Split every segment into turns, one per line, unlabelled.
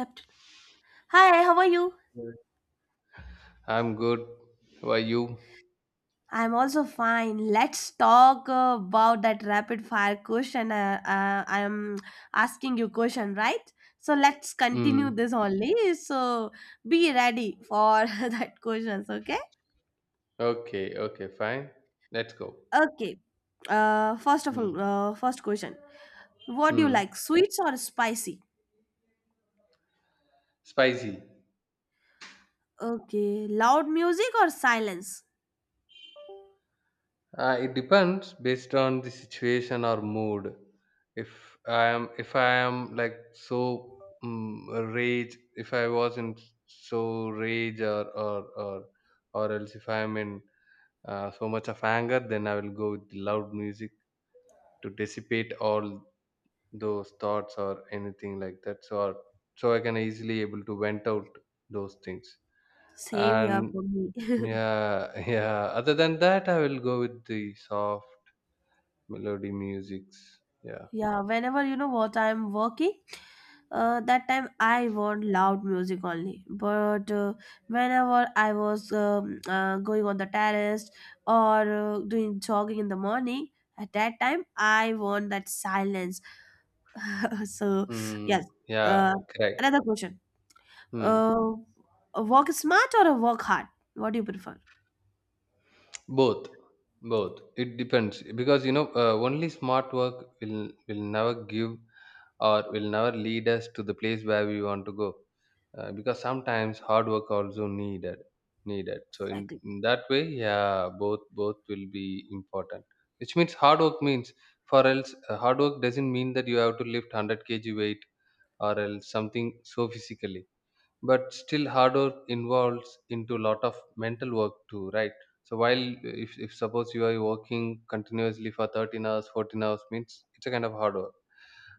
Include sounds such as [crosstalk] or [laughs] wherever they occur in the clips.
Accept. Hi, how are you?
Good. I'm good. How are you?
I'm also fine. Let's talk about that rapid fire question. I'm asking you question, right? So let's continue
Mm.
this only. So be ready for [laughs] that questions, okay?
Okay, okay, fine. Let's go.
Okay. First of
Mm.
all, first question. What do you
Mm.
like, sweets or spicy?
Spicy.
Okay, loud music or silence?
It depends based on the situation or mood. If I am like so rage, if I was in so rage or else if I am in so much of anger, then I will go with loud music to dissipate all those thoughts or anything like that so or, so I can easily able to vent out those things
Same here for
and
me. [laughs]
yeah. [laughs] Yeah, other than that I will go with the soft melody musics, yeah.
Yeah, whenever what I'm working, that time I want loud music only. But whenever I was going on the terrace or doing jogging in the morning, at that time I want that silence. [laughs] So yes,
Yeah,
uh,
correct.
another question:
Hmm.
uh, a work smart or a work hard? What do you prefer?
Both, both. It depends because you know, only smart work will never give or will never lead us to the place where we want to go, because sometimes hard work also needed so in,
Exactly.
in that way, yeah, both will be important. Which means hard work means for else, hard work doesn't mean that you have to lift 100 kg weight or else something so physically, but still hard work involves into lot of mental work too, right? So while if suppose you are working continuously for 13 hours 14 hours means it's a kind of hard work.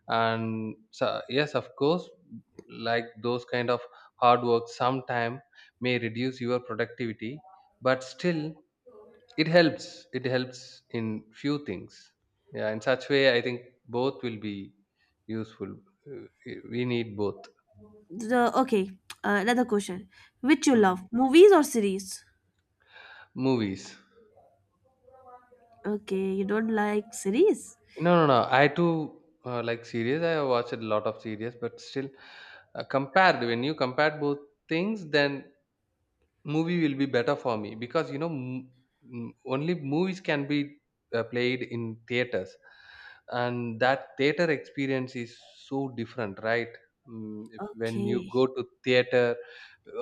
And so, yes, of course, like those kind of hard work sometime may reduce your productivity, but still it helps, it helps in few things. Yeah, in such way I think both will be useful. Uh, we need both.
Okay, another question: which you
Mm.
love, movies or series?
Movies.
Okay, you don't like series.
No, no, no, I too like series. I have watched a lot of series, but still compared when you compare both things, then movie will be better for me, because you know, only movies can be played in theaters, and that theater experience is so different, right? Mm, if when you
Okay.
go to theater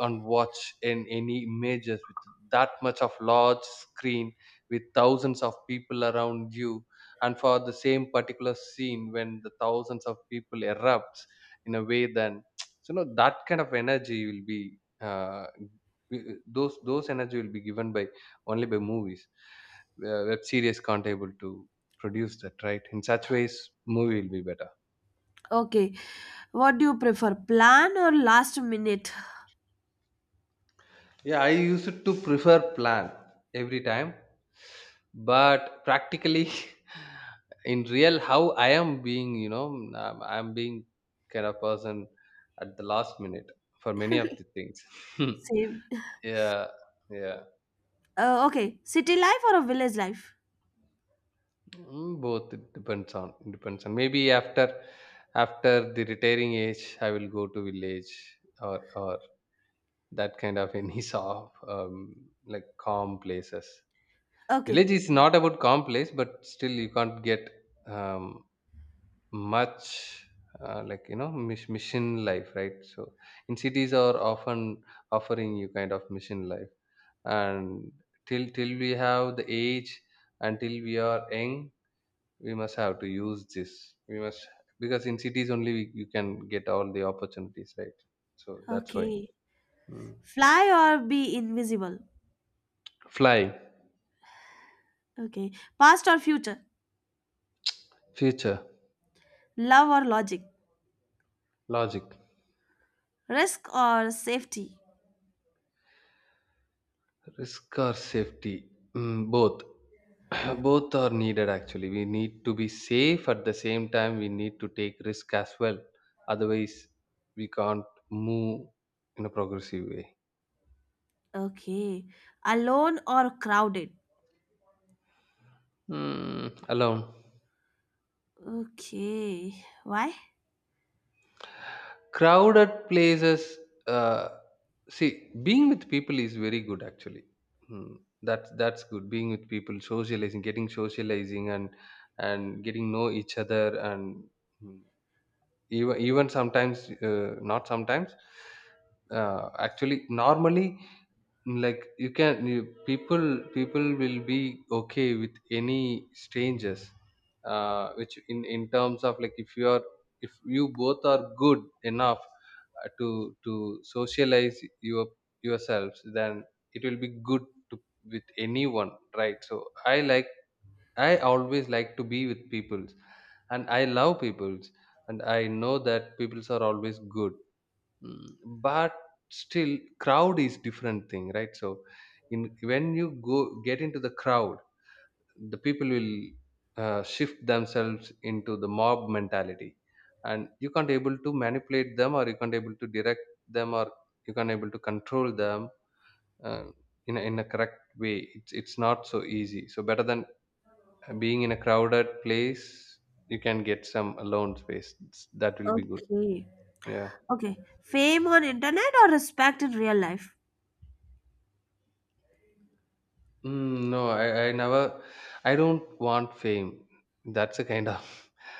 and watch in any images with that much of large screen, with thousands of people around you, and for the same particular scene when the thousands of people erupts in a way, then [tsk] so you know, that kind of energy will be those energy will be given by only by movies. Web series can't able to produce that, right? In such ways movie will be better.
Okay. What do you prefer, plan or last minute?
Yeah, I used to prefer plan every time, but practically, [laughs] in real how I am being, you know, I'm being kind of person at the last minute for many
[laughs]
of the things. [laughs]
Same.
Yeah, yeah.
Okay. City life or a village life?
Mm, both. It depends on, it depends on, maybe after after the retiring age I will go to village or or that kind of any [laughs] soft like calm places.
Okay.
Village is not about calm place, but still you can't get um, much, like you know, mission life, right? So in cities are often offering you kind of mission life, and till we have the age, until we are young we must have to use this, we must, because in cities only we, you can get all the opportunities, right? So that's why.
Okay.
Mm.
Fly or be invisible?
Flying.
Okay. Past or future?
Future.
Love or logic?
Logic.
Risk or safety?
Risk or safety. Mm, both. [clears throat] Both are needed. Actually, we need to be safe at the same time we need to take risk as well, otherwise we can't move in a progressive way.
Okay. Alone or crowded?
Mm, alone.
Okay. Why?
Crowded places, uh, see, being with people is very good actually. Hmm, that's good, being with people, socializing, getting socializing, and getting know each other, and hmm, even sometimes not sometimes, uh, actually normally, like you can you, people, people will be okay with any strangers, which in terms of like if you are, if you both are good enough to socialize your yourselves, then it will be good to with anyone, right? So I like, I always like to be with peoples, and I love peoples, and I know that peoples are always good. Mm, but still crowd is different thing, right? So in when you go get into the crowd, the people will shift themselves into the mob mentality, and you can't able to manipulate them, or you can't able to direct them, or you can't able to control them uh, in a correct way. It's not so easy. So better than being in a crowded place, you can get some alone space. That will be good.
Okay.
Yeah.
Okay. Fame on internet or respect in real life?
Mm, no, I never. I don't want fame. That's a kind of,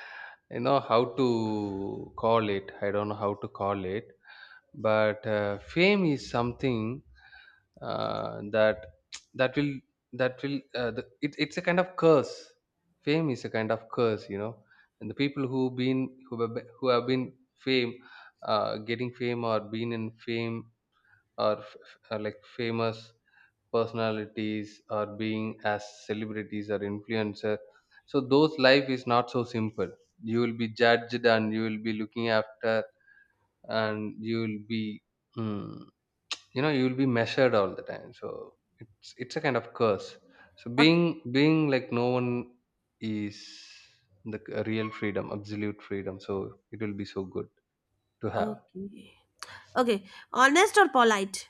[laughs] you know, how to call it. I don't know how to call it. But fame is something that [tsk] that will that will it's a kind of curse. Fame is a kind of curse, you know. And the people who been, who have been fame, getting fame or been in fame or like famous personalities, or being as celebrities or influencer, so those life is not so simple. You will be judged, and you will be looking after, and you will be, mm, you know, you will be measured all the time. So it's a kind of curse. So
Okay.
being, being like no one is the real freedom, absolute freedom. So it will be so good to have.
Okay. Okay. Honest or polite?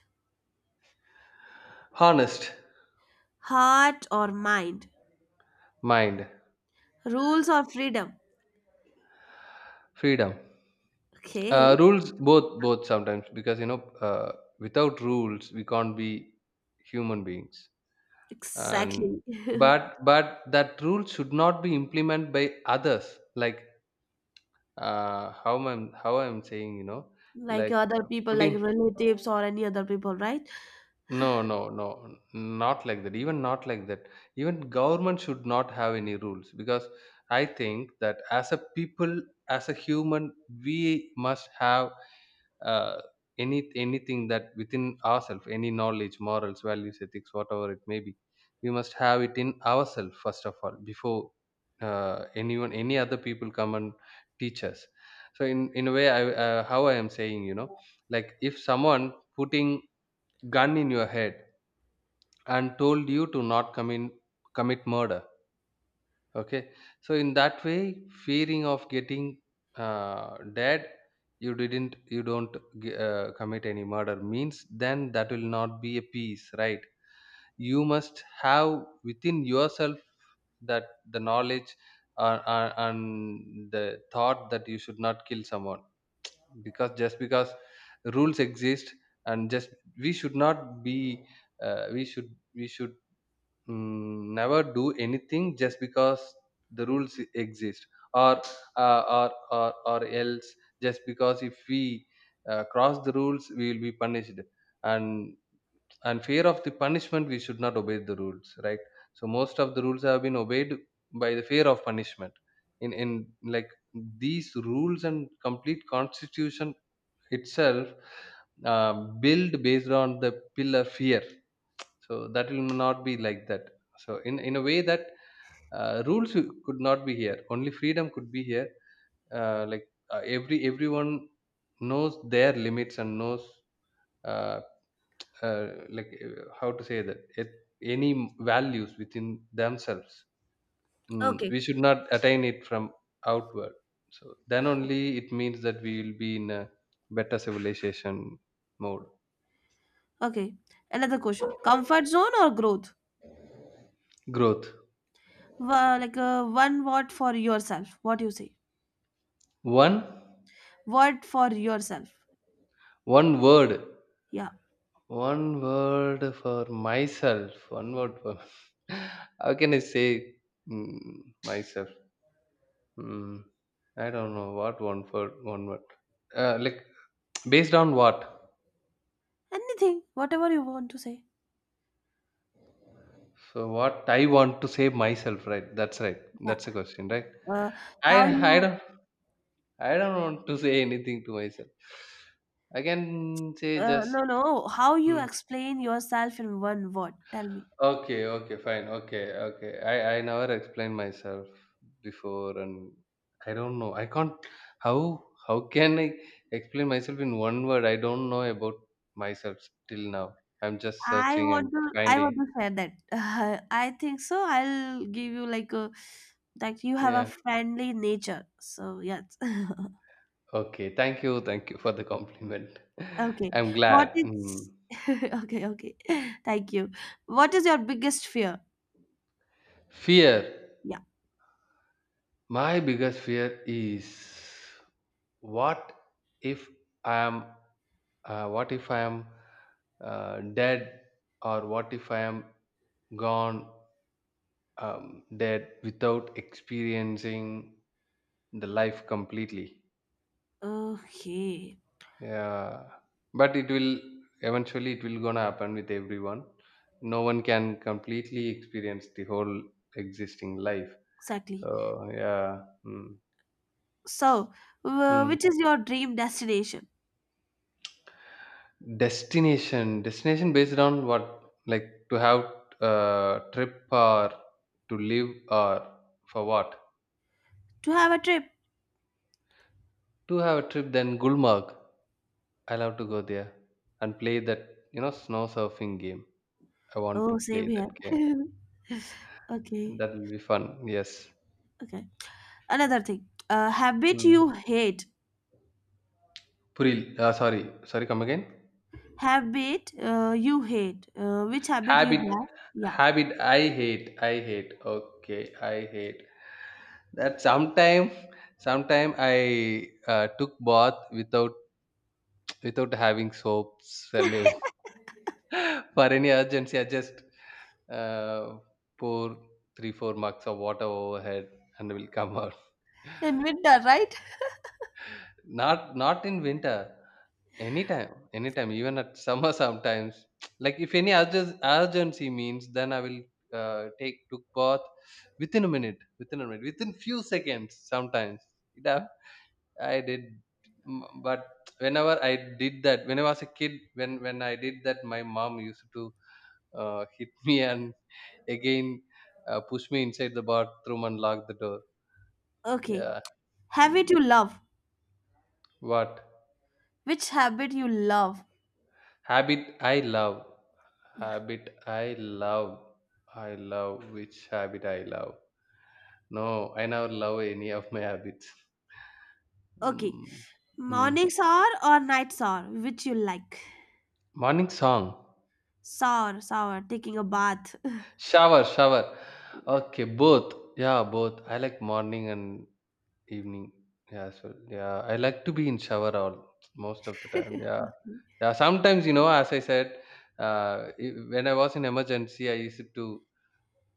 Honest.
Heart or mind?
Mind.
Rules or freedom?
Freedom. Uh,
Okay,
rules both, both sometimes, because you know, without rules we can't be human beings. And
exactly. [laughs]
but that rule should not be implemented by others, like, how am, how I'm saying, you know,
Like
like
other people, like
putting.
relatives or any other people, right?
No, no, no, not like that, even not like that. Even government should not have any rules, because I think that as a people, as a human, we must have uh, any anything that within ourselves, any knowledge, morals, values, ethics, whatever it may be, we must have it in ourselves first of all, before anyone, any other people come and teach us. So in a way I, how I am saying, you know, like if someone putting gun in your head and told you to not commit murder. Okay, so in that way, fearing of getting dead, you don't commit any murder means, then that will not be a peace, right? You must have within yourself that the knowledge and the thought that you should not kill someone, because just because rules exist, and just we should not be, we should, mm, never do anything just because the rules exist, or uh, or, or else just because if we cross the rules we will be punished, and and fear of the punishment we should not obey the rules, right? So most of the rules have been obeyed by the fear of punishment in like these rules and complete constitution itself uh, built based on the pillar fear. So that will not be like that. So in a way that rules could not be here, only freedom could be here, like everyone knows their limits and knows uh, like how to say that it, any values within themselves, mm,
Okay,
we should not attain it from outward. So then only it means that we will be in a better civilization mode.
okay. Another question. Comfort zone or growth?
Growth.
Like one word for yourself. What you say?
One.
Word for yourself.
One word.
Yeah.
One word for myself. One word for. [laughs] How can I say, mm, myself? Mm, I don't know what one word. One word. Like [tsk] based on what?
Anything, whatever you want to say.
So what I want to say myself, right? That's right.
Yeah.
That's the question, right?
Uh,
I
how
I
you?
don't I don't want to say anything to myself. I can say just.
No, no. How you
Mm,
explain yourself in one word? Tell me.
okay, okay, fine. Okay, okay. I never explained myself before, and I don't know. I can't. How can I explain myself in one word? I don't know about myself till now. I'm just
I
searching
want
and
to I
finding.
want to share that. [laughs] I think so. I'll give you like a like you have a
Yeah.
friendly nature. So yes. [laughs]
Okay. Thank you. Thank you for the compliment. [laughs]
Okay.
I'm
What
glad.
is
Mm.
[laughs] okay, okay. [laughs] Thank you. What is your biggest fear?
Fear.
Yeah.
My biggest fear is, what if I am, what if I am dead, or what if I am gone, dead without experiencing the life completely.
Okay.
Yeah, but it will eventually, it will gonna happen with everyone. No one can completely experience the whole existing life. So
Exactly.
yeah.
So,
Mm.
which is your dream destination?
Destination, destination based on what? Like to have a trip, or to live, or for what?
To have a trip.
To have a trip, then Gulmarg. I love to go there and play that, you know, snow surfing game. I want to
Oh,
play
same
that game.
here. [laughs]
And
Okay.
that will be fun. Yes.
Okay. Another thing. A habit
Mm.
you hate.
Puril, sorry, sorry, come again.
Habit you hate. Which habit you
Habit,
have? Yeah.
habit. I hate. I hate. Okay, I hate that. Sometime, sometime I took bath without without having soaps and everything. [laughs] For any urgency, I just uh, pour three, four mugs of water overhead and will come out.
[laughs] In winter, right?
[laughs] Not not in winter. Anytime, anytime, even at summer [laughs] sometimes. [tsk] Like if any urgency means, then I will take took bath within a minute, within a minute, within few seconds. Sometimes it hap- I did, m- but whenever I did that, when I was a kid, when I did that, my mom used to hit [laughs] me and again pushed me inside the bathroom and lock the door.
Okay.
Yeah.
Habit
Mm.
you love.
What
Which habit you love?
habit I love?
Yeah.
Habit I love. I love which habit I love. No, I never love any of my habits.
Okay.
Mm. Mm.
Morning shower or night shower? Which you like?
Morning song.
Shower, shower, taking a bath.
Shower, shower. Okay, both. Yeah, both. I like morning and evening as well. Yeah, I like to be in shower all most of the time. Yeah,
[laughs]
yeah. Sometimes you know, as I said, when I was in emergency, I used to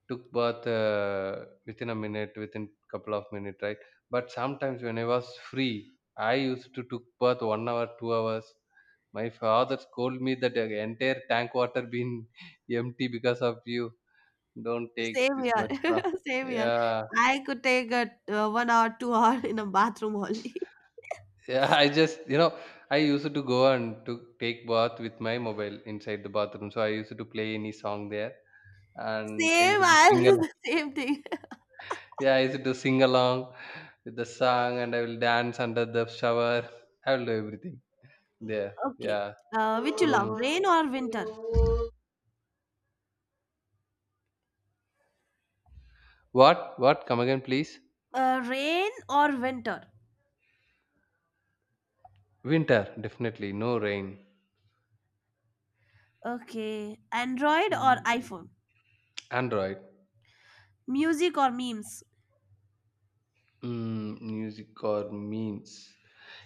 took bath within a minute, within couple of minutes, right? But sometimes when I was free, I used to took bath 1 hour, 2 hours. My father scold me that the entire tank water been [laughs] empty because of you. Don't take
Same
this
here.
much long.
[laughs] Same here.
Yeah.
I could take a 1 hour, 2 hour in a bathroom only. [laughs]
Yeah, [laughs] I just, you know, I used to go and to take bath with my mobile inside the bathroom. So I used to play any song there and I
Same,
used to
I'll
sing
do the
along.
[laughs] same thing.
Yeah, I used to sing along with the song, and I will dance under the shower. [laughs] I will do everything there.
Okay.
Yeah.
Which you love,
Mm.
rain or winter?
What? What? Come again, please.
Rain or winter?
Winter, definitely. No rain.
Okay, Android or
Mm.
iPhone?
Android.
Music or memes?
Mm, music or memes.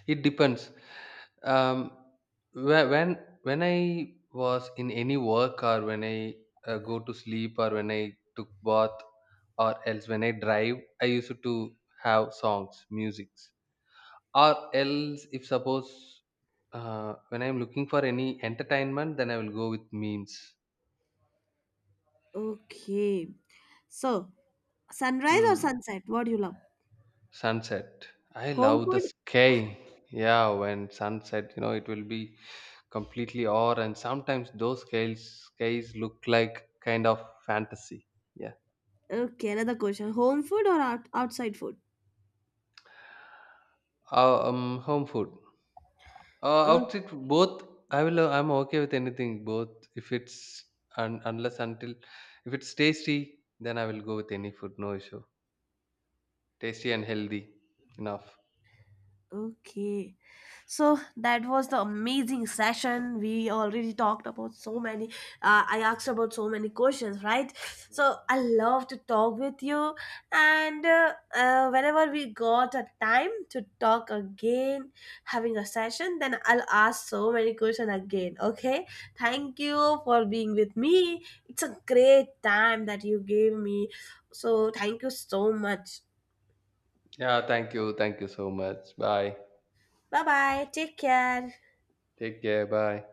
It depends. Um, when I was in any work, or when I go to sleep, or when I took bath, or else when I drive, I used to have songs, musics. Or else, if suppose, when I'm looking for any entertainment, then I will go with memes.
Okay. So, sunrise or
Hmm.
sunset? What do you love?
Sunset. I
Home
love the
food?
sky. Yeah, when sunset, you know, it will be completely awe, and sometimes those skies look like kind of fantasy. Yeah.
Okay, another question. Home food or outside food?
Home food. Outfit both. I will. I'm okay with anything. Both, if it's un, unless until, if it's tasty, then I will go with any food. No issue. Tasty and healthy. Enough.
Okay. So that was the amazing session. We already talked about so many, I asked about so many questions, right? So I love to talk with you. And whenever we got a time to talk again, having a session, then I'll ask so many questions again, okay? Thank you for being with me. It's a great time that you gave me. So thank you so much.
Yeah. Thank you. Thank you so much. Bye.
Bye bye. Take care.
Take care. Bye.